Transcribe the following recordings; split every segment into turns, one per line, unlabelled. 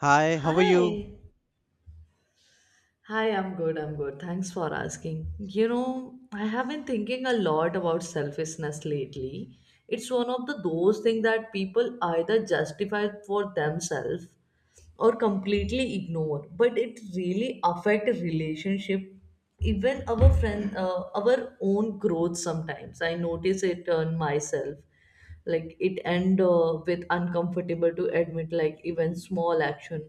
Hi, how are you?
Hi. Hi, I'm good. Thanks for asking. You know, I have been thinking a lot about selfishness lately. It's one of the those things that people either justify for themselves or completely ignore, but it really affect a relationship, even our our own growth sometimes. I notice it on myself. Like it end with uncomfortable to admit like even small action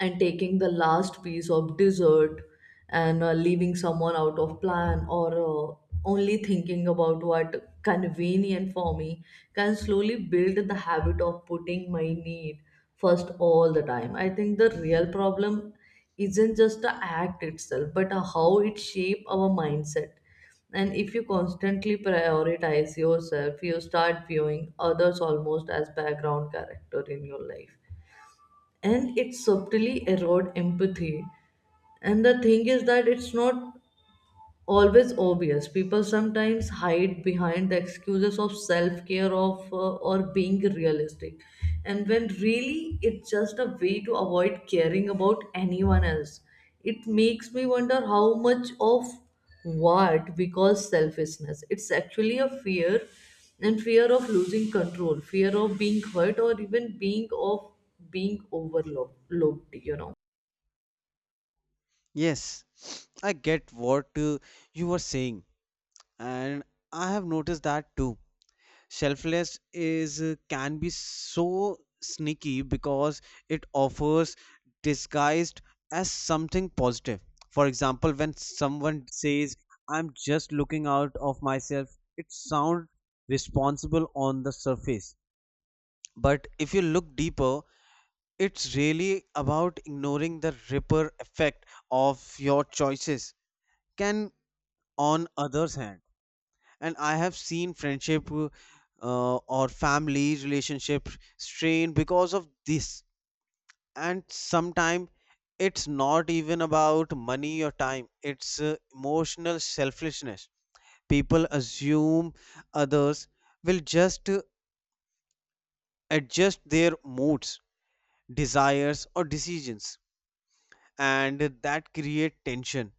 and taking the last piece of dessert and leaving someone out of plan or only thinking about what convenient for me can slowly build the habit of putting my need first all the time. I think the real problem isn't just the act itself but how it shape our mindset. And if you constantly prioritize yourself, you start viewing others almost as background character in your life, and it subtly erode empathy. And the thing is that it's not always obvious. People sometimes hide behind the excuses of self-care of or being realistic. And when really it's just a way to avoid caring about anyone else. It makes me wonder how much of what we call selfishness. It's actually a fear and fear of losing control, fear of being hurt or even being overlooked, you know.
Yes, I get what you were saying, and I have noticed that too. Selfless is can be so sneaky because it offers disguised as something positive. For example, when someone says, "I'm just looking out of myself," it sounds responsible on the surface, but if you look deeper, it's really about ignoring the ripple effect of your choices can on others hand. And I have seen friendship or family relationship strain because of this. And sometimes it's not even about money or time. It's emotional selfishness. People assume others will just adjust their moods, desires or decisions, and that create tension.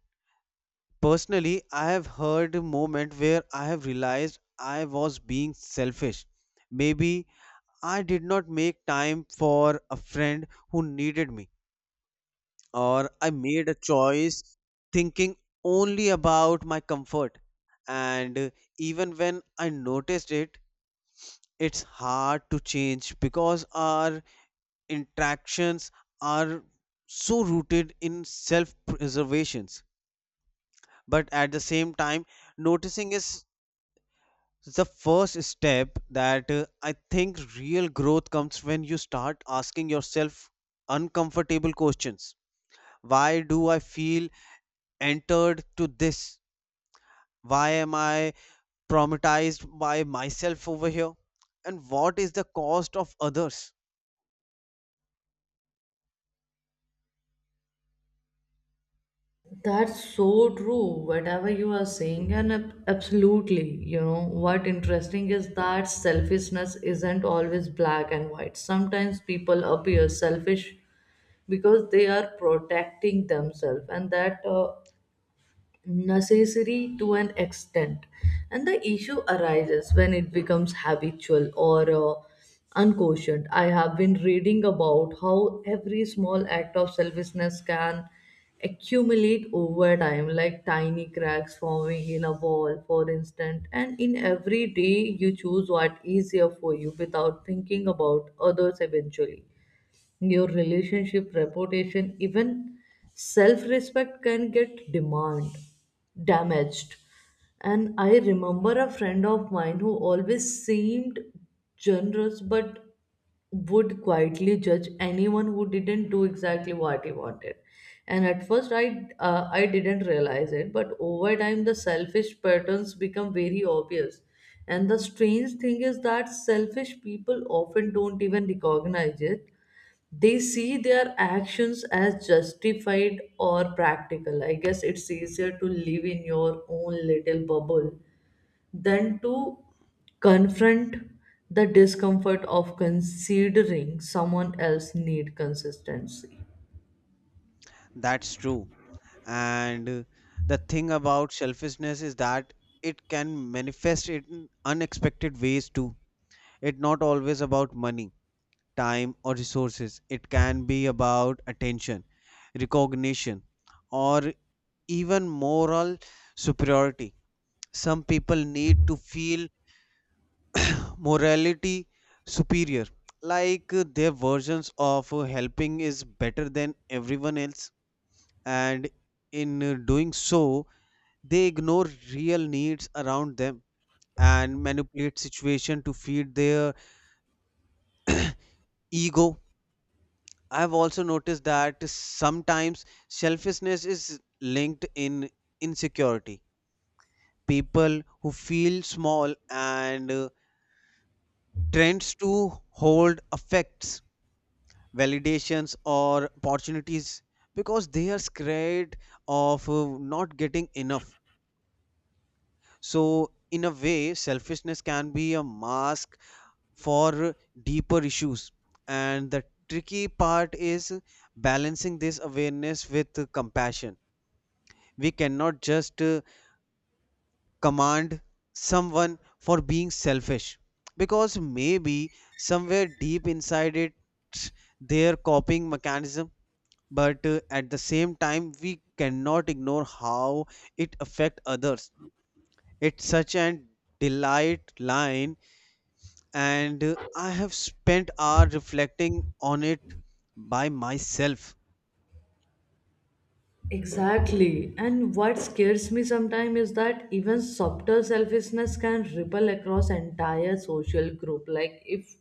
Personally, I have heard a moment where I have realized I was being selfish. Maybe I did not make time for a friend who needed me, or I made a choice thinking only about my comfort. And even when I noticed it, it's hard to change because our interactions are so rooted in self preservations. But at the same time, noticing is the first step that I think real growth comes when you start asking yourself uncomfortable questions. Why do I feel entered to this? Why am I traumatized by myself over here? And what is the cost of others?
That's so true, whatever you are saying, and absolutely, you know, what interesting is that selfishness isn't always black and white. Sometimes people appear selfish because they are protecting themselves, and that necessary to an extent. And the issue arises when it becomes habitual or unquestioned. I have been reading about how every small act of selfishness can accumulate over time like tiny cracks forming in a wall, for instance. And in every day you choose what is easier for you without thinking about others, eventually your relationship, reputation, even self-respect can get demand damaged. And I remember a friend of mine who always seemed generous but would quietly judge anyone who didn't do exactly what he wanted. And at first I didn't realize it, but over time the selfish patterns become very obvious. And the strange thing is that selfish people often don't even recognize it. They see their actions as justified or practical. I guess it's easier to live in your own little bubble than to confront the discomfort of considering someone else need consistency.
That's true, and the thing about selfishness is that it can manifest in unexpected ways too. It's not always about money, time or resources. It can be about attention, recognition, or even moral superiority. Some people need to feel morality superior, like their versions of helping is better than everyone else, and in doing so, they ignore real needs around them and manipulate situation to feed their ego. I've also noticed that sometimes selfishness is linked in insecurity. People who feel small and tends to hold affects, validations or opportunities because they are scared of not getting enough. So in a way, selfishness can be a mask for deeper issues. And the tricky part is balancing this awareness with compassion. We cannot just command someone for being selfish because maybe somewhere deep inside it their coping mechanism, but at the same time we cannot ignore how it affect others. It's such an delight line, and I have spent hour reflecting on it by myself.
Exactly. And what scares me sometimes is that even subtle selfishness can ripple across entire social group. Like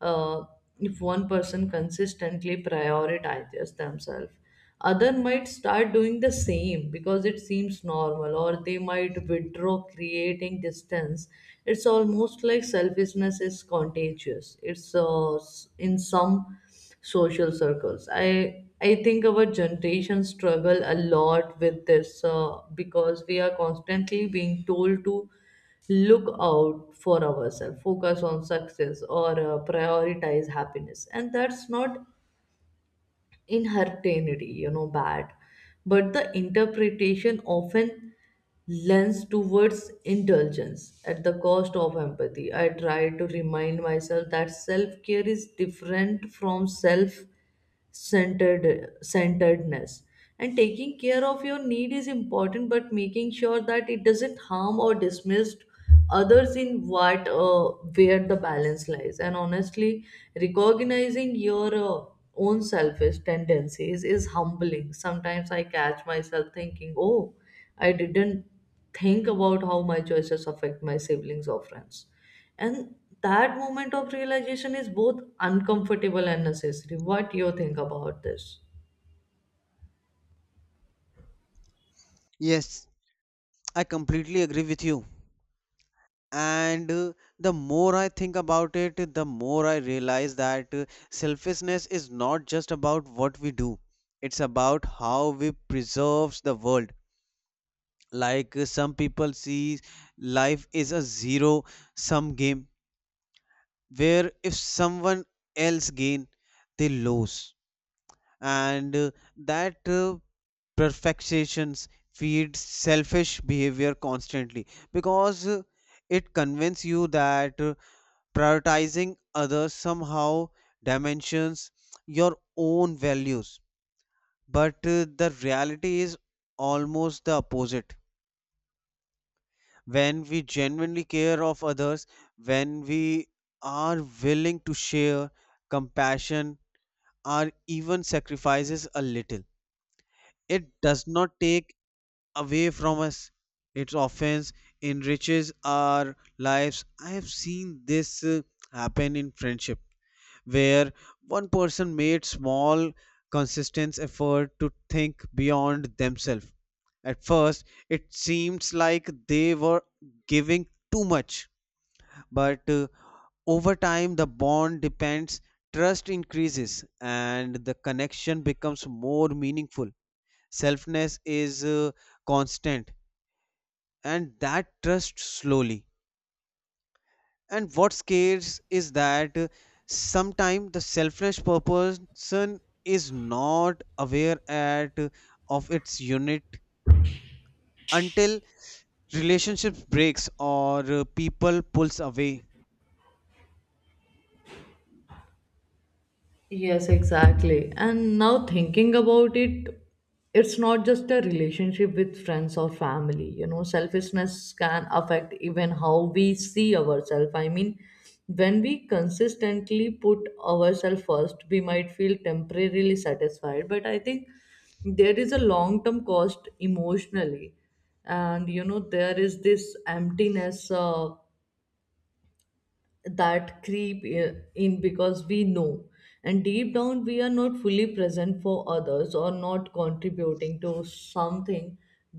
uh, if one person consistently prioritizes themselves, other might start doing the same because it seems normal, or they might withdraw, creating distance. It's almost like selfishness is contagious. It's in some social circles. I think our generation struggle a lot with this because we are constantly being told to look out for ourselves, focus on success or prioritize happiness, and that's not inherently, you know, bad, but the interpretation often lends towards indulgence at the cost of empathy. I try to remind myself that self care is different from self centeredness, and taking care of your need is important but making sure that it doesn't harm or dismiss others in what, where the balance lies. And honestly, recognizing your own selfish tendencies is humbling. Sometimes I catch myself thinking, oh, I didn't think about how my choices affect my siblings or friends, and that moment of realization is both uncomfortable and necessary. What you think about this?
Yes, I completely agree with you, and the more I think about it, the more I realize that selfishness is not just about what we do. It's about how we preserves the world, like some people see life is a zero sum game where if someone else gain, they lose, and that perfections feeds selfish behavior constantly because it convinces you that prioritizing others somehow dimensions your own values. But the reality is almost the opposite. When we genuinely care of others, when we are willing to share compassion or even sacrifices a little, it does not take away from us. It often enriches our lives. I have seen this happen in friendship where one person made small, consistent effort to think beyond themselves. At first, it seems like they were giving too much, but over time, the bond depends, trust increases, and the connection becomes more meaningful. Selfness is constant, and that trust slowly. And what scares is that sometimes the selfless person is not aware at of its unit until relationships breaks or people pulls away.
Yes, exactly. And now thinking about it, it's not just a relationship with friends or family. You know, selfishness can affect even how we see ourselves. I mean, when we consistently put ourselves first, we might feel temporarily satisfied, but I think there is a long term cost emotionally. And you know, there is this emptiness. That creep in because we know, and deep down we are not fully present for others or not contributing to something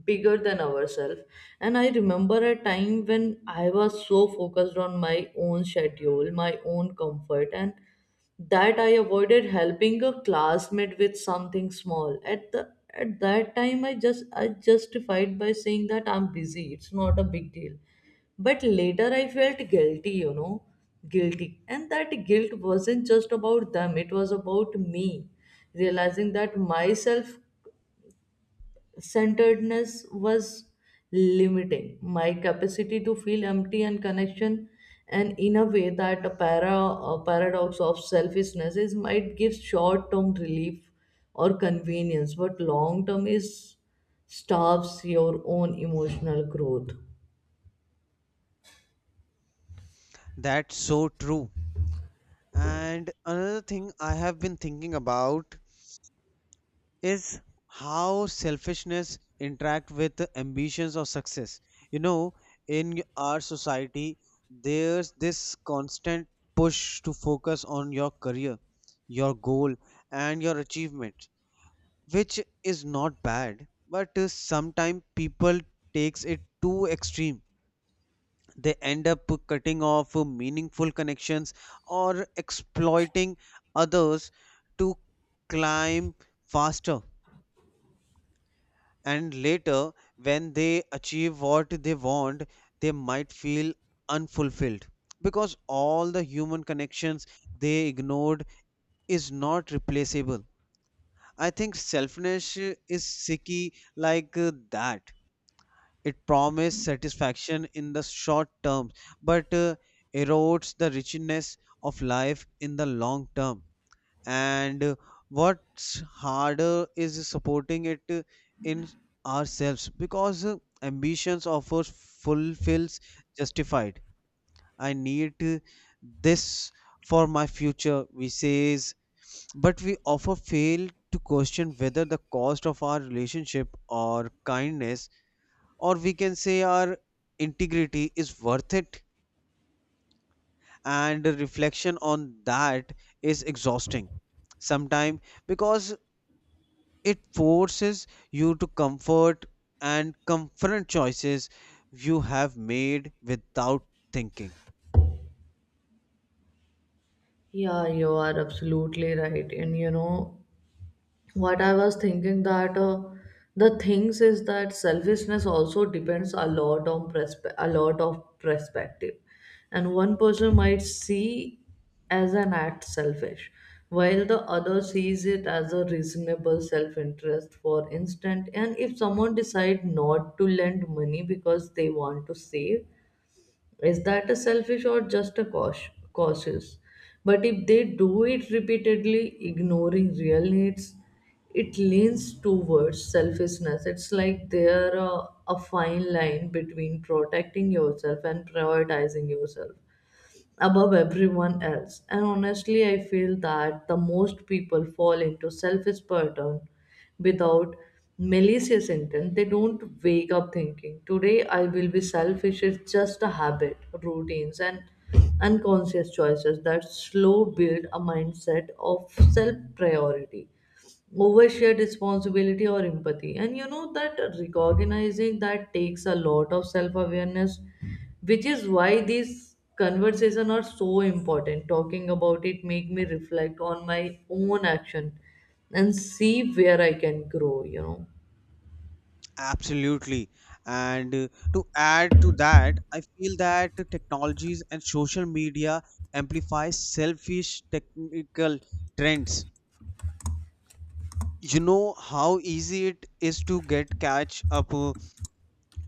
bigger than ourselves. And I remember a time when I was so focused on my own schedule, my own comfort, and that I avoided helping a classmate with something small. At that time, I justified by saying that I'm busy. It's not a big deal. But later I felt guilty, you know, guilty. And that guilt wasn't just about them, it was about me. Realizing that my self centeredness was limiting my capacity to feel empty and connection. And in a way, that a, para, a paradox of selfishness is might give short term relief or convenience, but long term is starves your own emotional growth.
That's so true. And another thing I have been thinking about is how selfishness interact with the ambitions of success, you know. In our society there's this constant push to focus on your career, your goal and your achievement, which is not bad, but sometimes people takes it too extreme. They end up cutting off meaningful connections or exploiting others to climb faster. And later, when they achieve what they want, they might feel unfulfilled because all the human connections they ignored is not replaceable. I think selfness is sicky like that. It promises satisfaction in the short term, but erodes the richness of life in the long term, and what's harder is supporting it in ourselves because ambitions offers fulfills justified. I need this for my future, we says, but we often fail to question whether the cost of our relationship or kindness, or we can say our integrity, is worth it. And reflection on that is exhausting sometimes because it forces you to comfort and confront choices you have made without thinking.
Yeah, you are absolutely right. And you know what I was thinking that the things is that selfishness also depends a lot of perspective, and one person might see as an act selfish, while the other sees it as a reasonable self-interest. For instance, and if someone decide not to lend money because they want to save, is that a selfish or just a cautious? But if they do it repeatedly, ignoring real needs, it leans towards selfishness. It's like there a fine line between protecting yourself and prioritizing yourself above everyone else. And honestly, I feel that the most people fall into selfish pattern without malicious intent. They don't wake up thinking, today I will be selfish. It's just a habit, routines, and unconscious choices that slow build a mindset of self priority. Overshare responsibility or empathy. And you know that recognizing that takes a lot of self awareness, which is why these conversation are so important. Talking about it make me reflect on my own action and see where I can grow, you know.
Absolutely, and to add to that, I feel that the technologies and social media amplify selfish technical trends. You know how easy it is to get catch up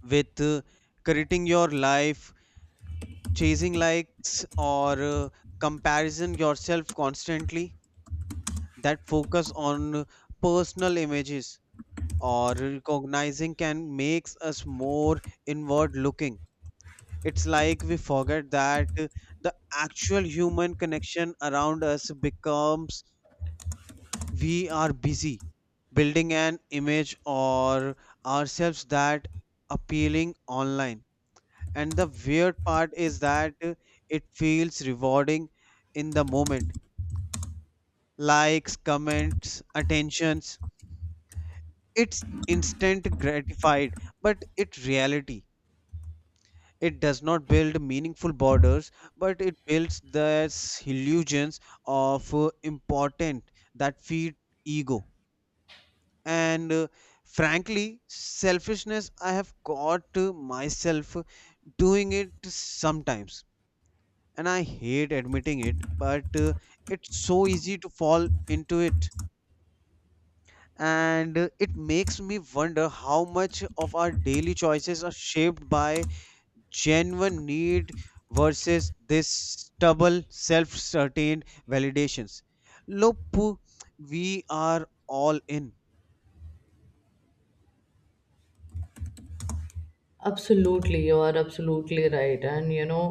with creating your life, chasing likes or comparison yourself constantly. That focus on personal images or recognizing can makes us more inward looking. It's like we forget that the actual human connection around us becomes. We are busy building an image or ourselves that appealing online, and the weird part is that it feels rewarding in the moment. Likes, comments, attentions. It's instant gratified, but it reality. It does not build meaningful borders, but it builds this illusions of important that feed ego. And frankly, selfishness, I have caught myself doing it sometimes. And I hate admitting it, but it's so easy to fall into it. And it makes me wonder how much of our daily choices are shaped by genuine need versus this stubble self-certain validations. Look, we are all in.
Absolutely, you are absolutely right. And you know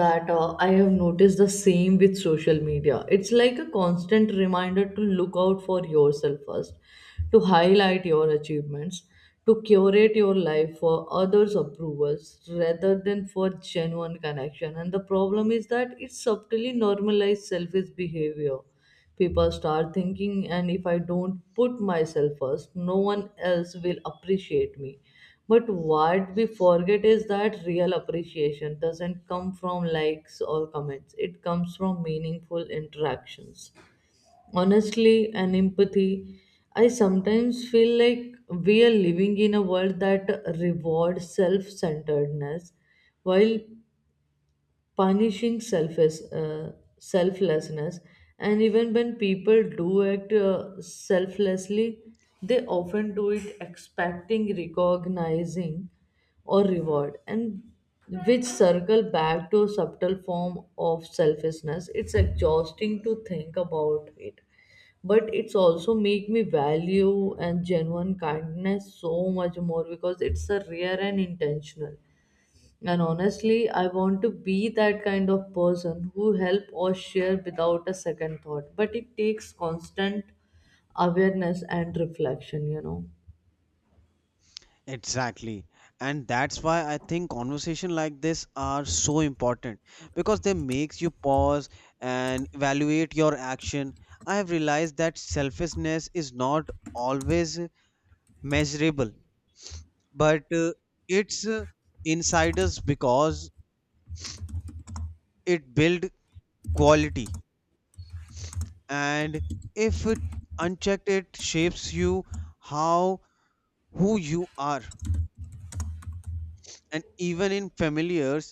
that I have noticed the same with social media. It's like a constant reminder to look out for yourself first, to highlight your achievements, to curate your life for others' approvals rather than for genuine connection. And the problem is that it subtly normalizes selfish behavior. People start thinking, and if I don't put myself first, no one else will appreciate me. But what we forget is that real appreciation doesn't come from likes or comments, it comes from meaningful interactions. Honestly, and empathy, I sometimes feel like we are living in a world that rewards self centeredness while punishing selflessness. And even when people do act selflessly, they often do it expecting, recognizing, or reward, and which circle back to a subtle form of selfishness. It's exhausting to think about it, but it's also make me value and genuine kindness so much more because it's a rare and intentional. And honestly, I want to be that kind of person who help or share without a second thought. But it takes constant awareness and reflection, you know.
Exactly, and that's why I think conversation like this are so important, because they makes you pause and evaluate your action. I have realized that selfishness is not always measurable, but it's insiders because it build quality, and if it unchecked it shapes you, how, who you are. And even in familiars,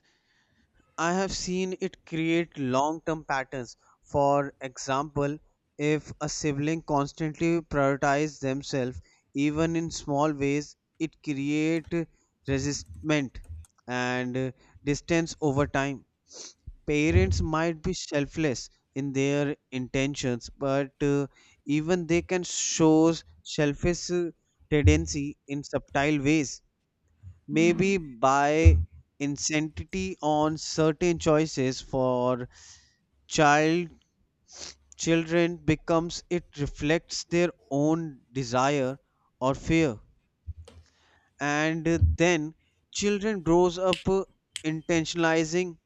I have seen it create long term patterns. For example, if a sibling constantly prioritize themselves, even in small ways it create resistment and distance over time. Parents might be selfless in their intentions, but even they can show selfish tendency in subtle ways, maybe by insanity on certain choices for child children becomes it reflects their own desire or fear. And then children grows up intentionalizing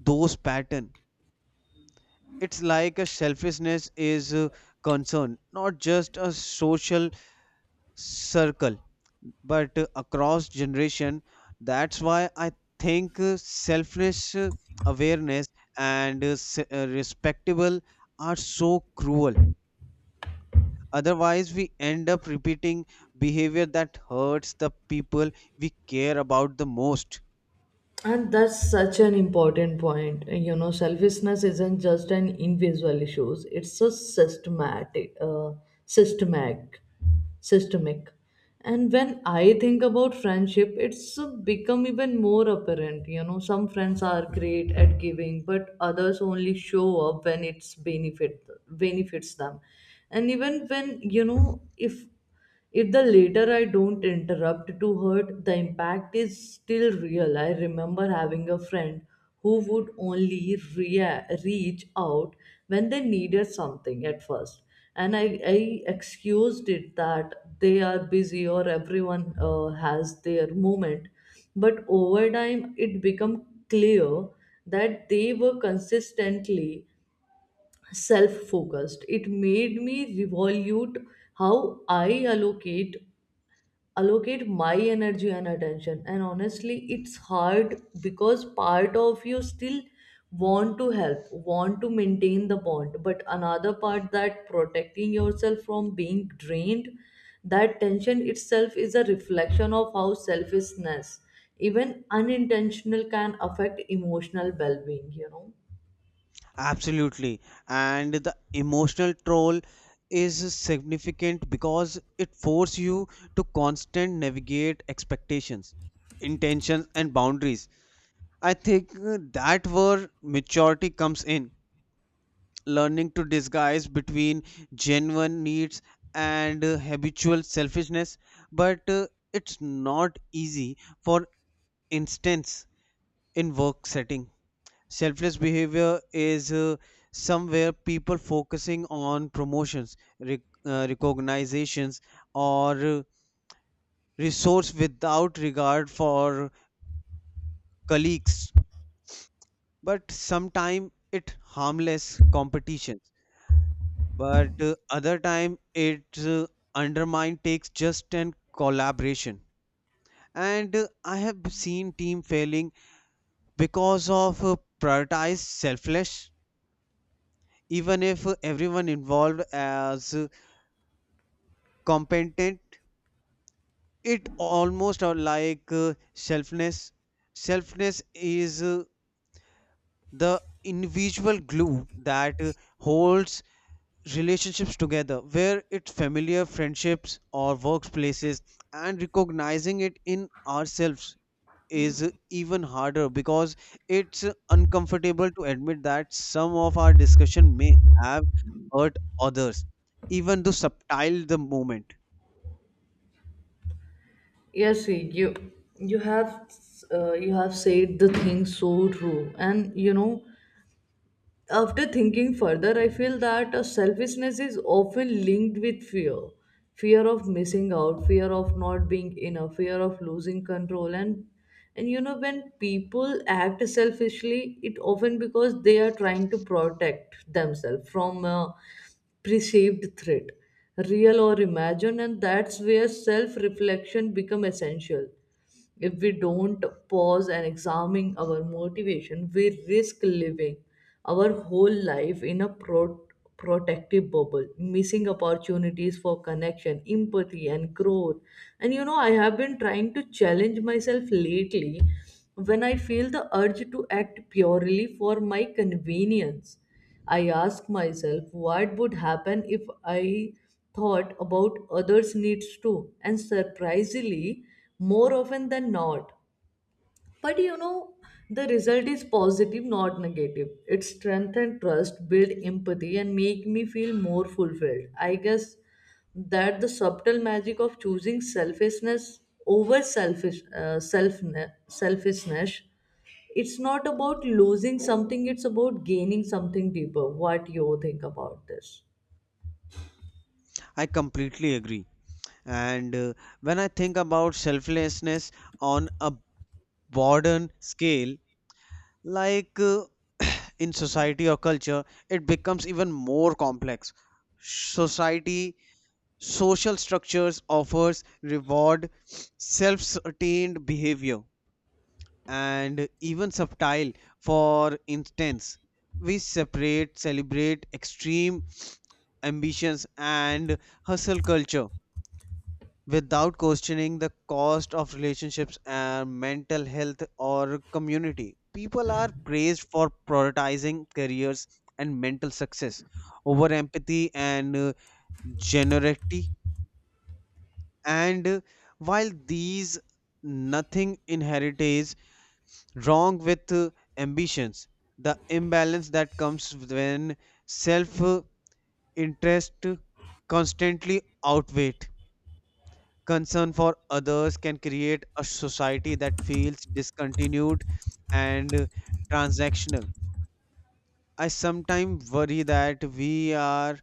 those pattern. It's like a selfishness is concerned not just a social circle, but across generation. That's why I think selfless awareness and respectable are so cruel. Otherwise we end up repeating behavior that hurts the people we care about the most.
And that's such an important point. You know, selfishness isn't just an individual issue; it's a systematic, systemic. And when I think about friendship, it's become even more apparent. You know, some friends are great at giving, but others only show up when it's benefits them, and even when you know if the later I don't interrupt to hurt, the impact is still real. I remember having a friend who would only reach out when they needed something at first. And I excused it that they are busy or everyone has their moment. But over time, it became clear that they were consistently self focused. It made me revolute how I allocate my energy and attention. And honestly, it's hard because part of you still want to help, want to maintain the bond, but another part that protecting yourself from being drained. That tension itself is a reflection of how selfishness, even unintentional, can affect emotional well-being, you know.
Absolutely. And the emotional toll is significant because it forces you to constant navigate expectations, intentions, and boundaries. I think that where maturity comes in, learning to disguise between genuine needs and habitual selfishness. But it's not easy. For instance, in work setting, selfless behavior is somewhere people focusing on promotions, recognitions, or resource without regard for colleagues. But sometime it harmless competitions. But other time it undermine takes just and collaboration. And I have seen team failing because of prioritized selfless, even if everyone involved as competent. It almost are like selfness is the individual glue that holds relationships together where it's familiar friendships or workplaces. And recognizing it in ourselves is even harder because it's uncomfortable to admit that some of our discussion may have hurt others, even though subtle the moment.
Yes, see, you you have you have said the thing so true. And you know, after thinking further, I feel that selfishness is often linked with fear, fear of missing out, fear of not being enough, fear of losing control. And you know, when people act selfishly, it often because they are trying to protect themselves from a perceived threat, real or imagined. And that's where self reflection become essential. If we don't pause and examine our motivation, we risk living our whole life in a protective bubble, missing opportunities for connection, empathy, and growth. And you know, I have been trying to challenge myself lately. When I feel the urge to act purely for my convenience, I ask myself what would happen if I thought about others' needs too, and surprisingly, more often than not. But you know, the result is positive, not negative. It strengthens trust, build empathy, and make me feel more fulfilled. I guess that the subtle magic of choosing selfishness over selfishness. It's not about losing something, it's about gaining something deeper. What you think about this?
I completely agree. And when I think about selflessness on a modern scale, like in society or culture, it becomes even more complex. Society, social structures offers reward self-sustained behavior and even subtle. For instance, we separate, celebrate extreme ambitions and hustle culture without questioning the cost of relationships and mental health or community. People are praised for prioritizing careers and mental success over empathy and generosity. And while these nothing inherent is wrong with ambitions, the imbalance that comes when self interest constantly outweighs concern for others can create a society that feels discontinued and transactional. I sometimes worry that we are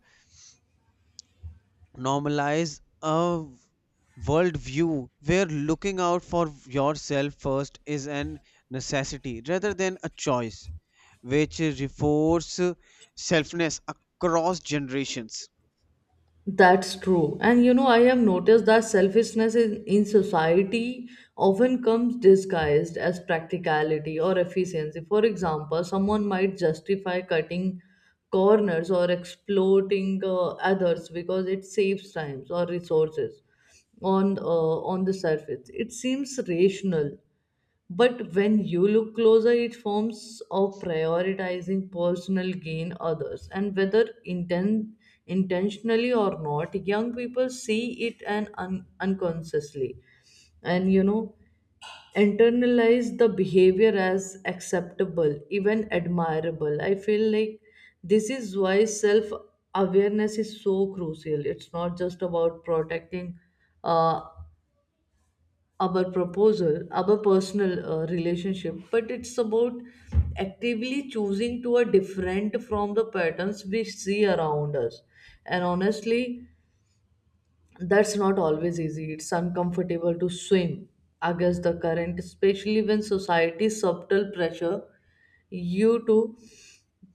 normalize a worldview where looking out for yourself first is an necessity rather than a choice, which reinforces selfness across generations.
That's true. And you know, I have noticed that selfishness in society often comes disguised as practicality or efficiency. For example, someone might justify cutting corners or exploiting others because it saves times or resources on uh, on the surface. It seems rational, but when you look closer, it forms of prioritizing personal gain others. And whether intentionally or not, young people see it and unconsciously, and you know, internalize the behavior as acceptable, even admirable. I feel like this is why self awareness is so crucial. It's not just about protecting. Uh, our proposal, our personal relationship, but it's about actively choosing to a different from the patterns we see around us. And honestly, that's not always easy. It's uncomfortable to swim against the current, especially when society's subtle pressure you to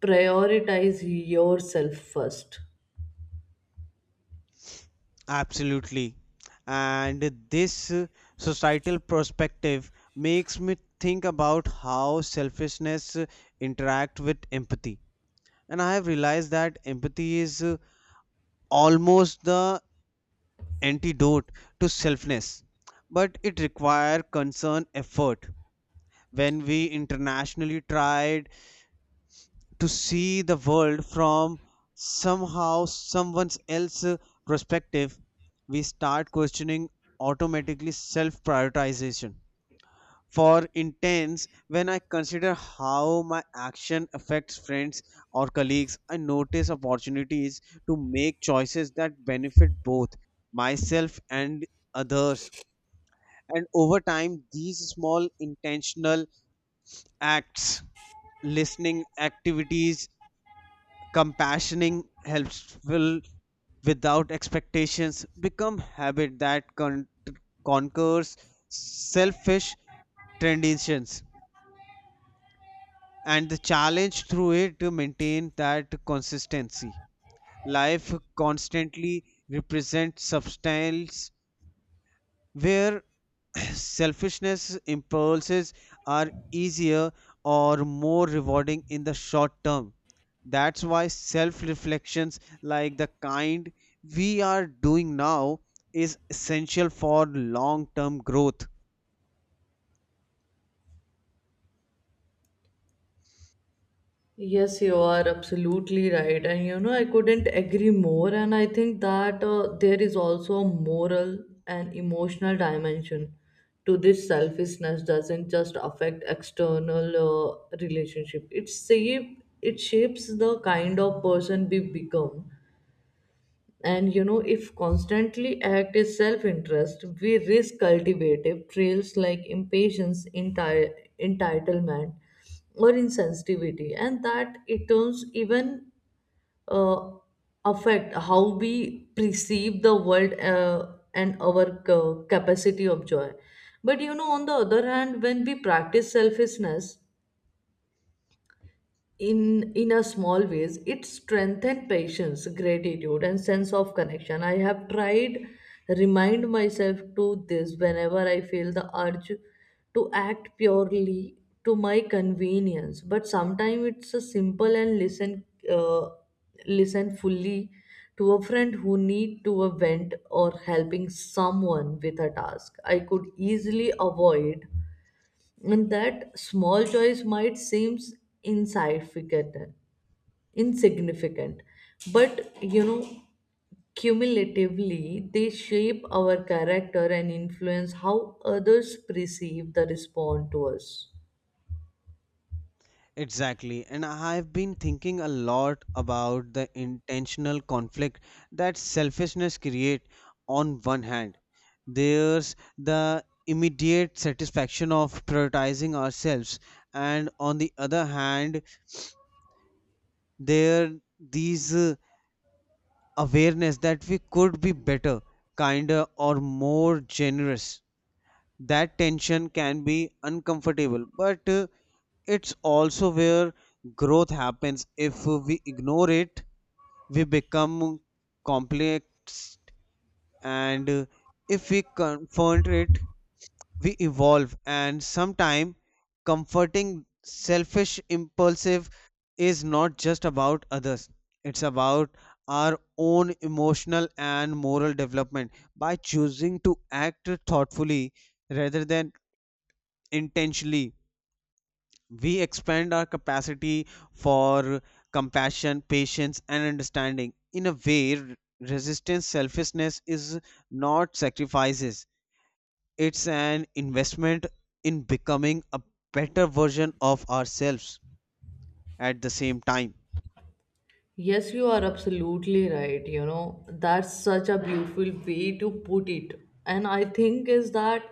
prioritize yourself first.
Absolutely. And this societal perspective makes me think about how selfishness interact with empathy. And I have realized that empathy is almost the antidote to selfness, but it requires concern effort. When we internationally try to see the world from somehow someone else's perspective, we start questioning automatically self prioritization. For intense, when I consider how my action affects friends or colleagues, I notice opportunities to make choices that benefit both myself and others. And over time these small intentional acts, listening activities, compassioning helpful without expectations, become habit that conquers selfish traditions. And the challenge through it to maintain that consistency, life constantly represents substance where selfishness impulses are easier or more rewarding in the short term. That's why self reflections like the kind we are doing now is essential for long term growth.
Yes, you are absolutely right. And you know, I couldn't agree more. And I think that there is also a moral and emotional dimension to this. Selfishness doesn't just affect external relationship. It shapes the kind of person we become. And you know, if constantly act is self interest, we risk cultivative trails like impatience, entitlement, or insensitivity, and that it turns even uh, affect how we perceive the world and our capacity of joy. But you know, on the other hand, when we practice selfishness, in a small ways, it strengthens patience, gratitude, and sense of connection. I have tried remind myself to this whenever I feel the urge to act purely to my convenience. But sometimes it's a simple and listen, uh, listen fully to a friend who need to a vent, or helping someone with a task I could easily avoid. And that small choice might seem insignificant, insignificant, but you know, cumulatively they shape our character and influence how others perceive the respond to us.
Exactly, and I've been thinking a lot about the intentional conflict that selfishness create on one hand. There's the immediate satisfaction of prioritizing ourselves, and on the other hand, there these awareness that we could be better, kinder, or more generous. That tension can be uncomfortable, but it's also where growth happens. If we ignore it, we become complex, and if we confront it, we evolve. And sometimes comforting selfish impulsive is not just about others, it's about our own emotional and moral development. By choosing to act thoughtfully rather than intentionally, we expand our capacity for compassion, patience, and understanding. In a way, resistance selfishness is not sacrifices, it's an investment in becoming a better version of ourselves at the same time.
Yes, you are absolutely right. You know, that's such a beautiful way to put it. And I think is that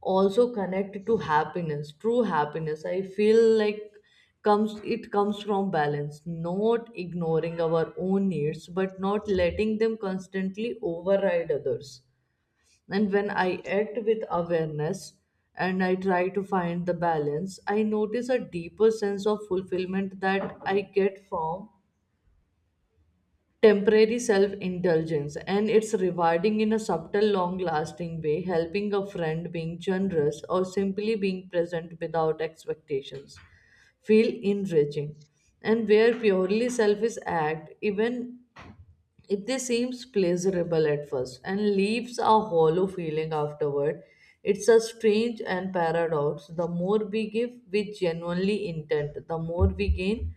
also connected to happiness, true happiness. I feel like comes it comes from balance, not ignoring our own needs, but not letting them constantly override others. And when I act with awareness and I try to find the balance, I notice a deeper sense of fulfillment that I get from temporary self indulgence. And it's rewarding in a subtle long lasting way, helping a friend, being generous, or simply being present without expectations, feel enriching. And where purely selfish act, even if they seems pleasurable at first, and leaves a hollow feeling afterward, it's a strange and paradox. The more we give with genuinely intent, the more we gain,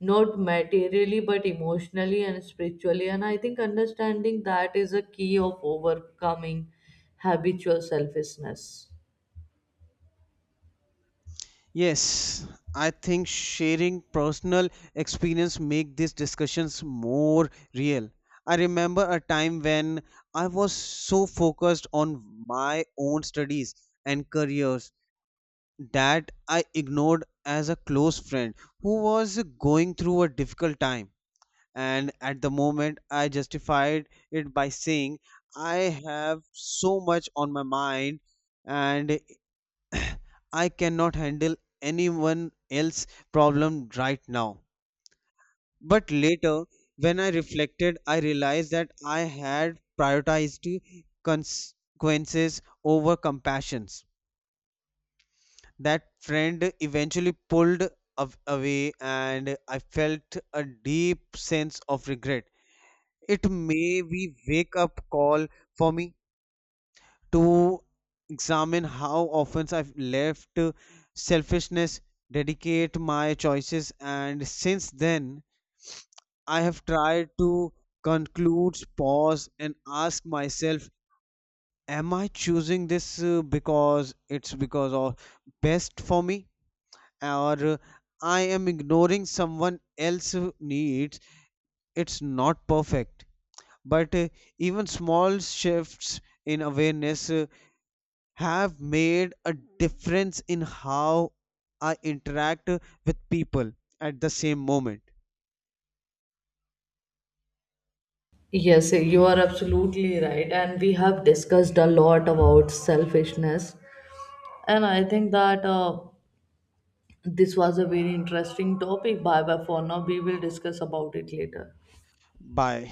not materially but emotionally and spiritually. And I think understanding that is a key of overcoming habitual selfishness.
Yes, I think sharing personal experience make these discussions more real. I remember a time when I was so focused on my own studies and careers that I ignored as a close friend who was going through a difficult time. And at the moment, I justified it by saying, I have so much on my mind and I cannot handle anyone else's problem right now. But later, when I reflected, I realized that I had prioritized consequences over compassions. That friend eventually pulled away, and I felt a deep sense of regret. It may be wake up call for me to examine how often I've left selfishness dedicate my choices, and since then, I have tried to conclude, pause, and ask myself, am I choosing this because it's because of best for me, or I am ignoring someone else's needs? It's not perfect, but even small shifts in awareness have made a difference in how I interact with people at the same moment.
Yes, you are absolutely right. And we have discussed a lot about selfishness. And I think that this was a very interesting topic. Bye bye for now. We will discuss about it later.
Bye.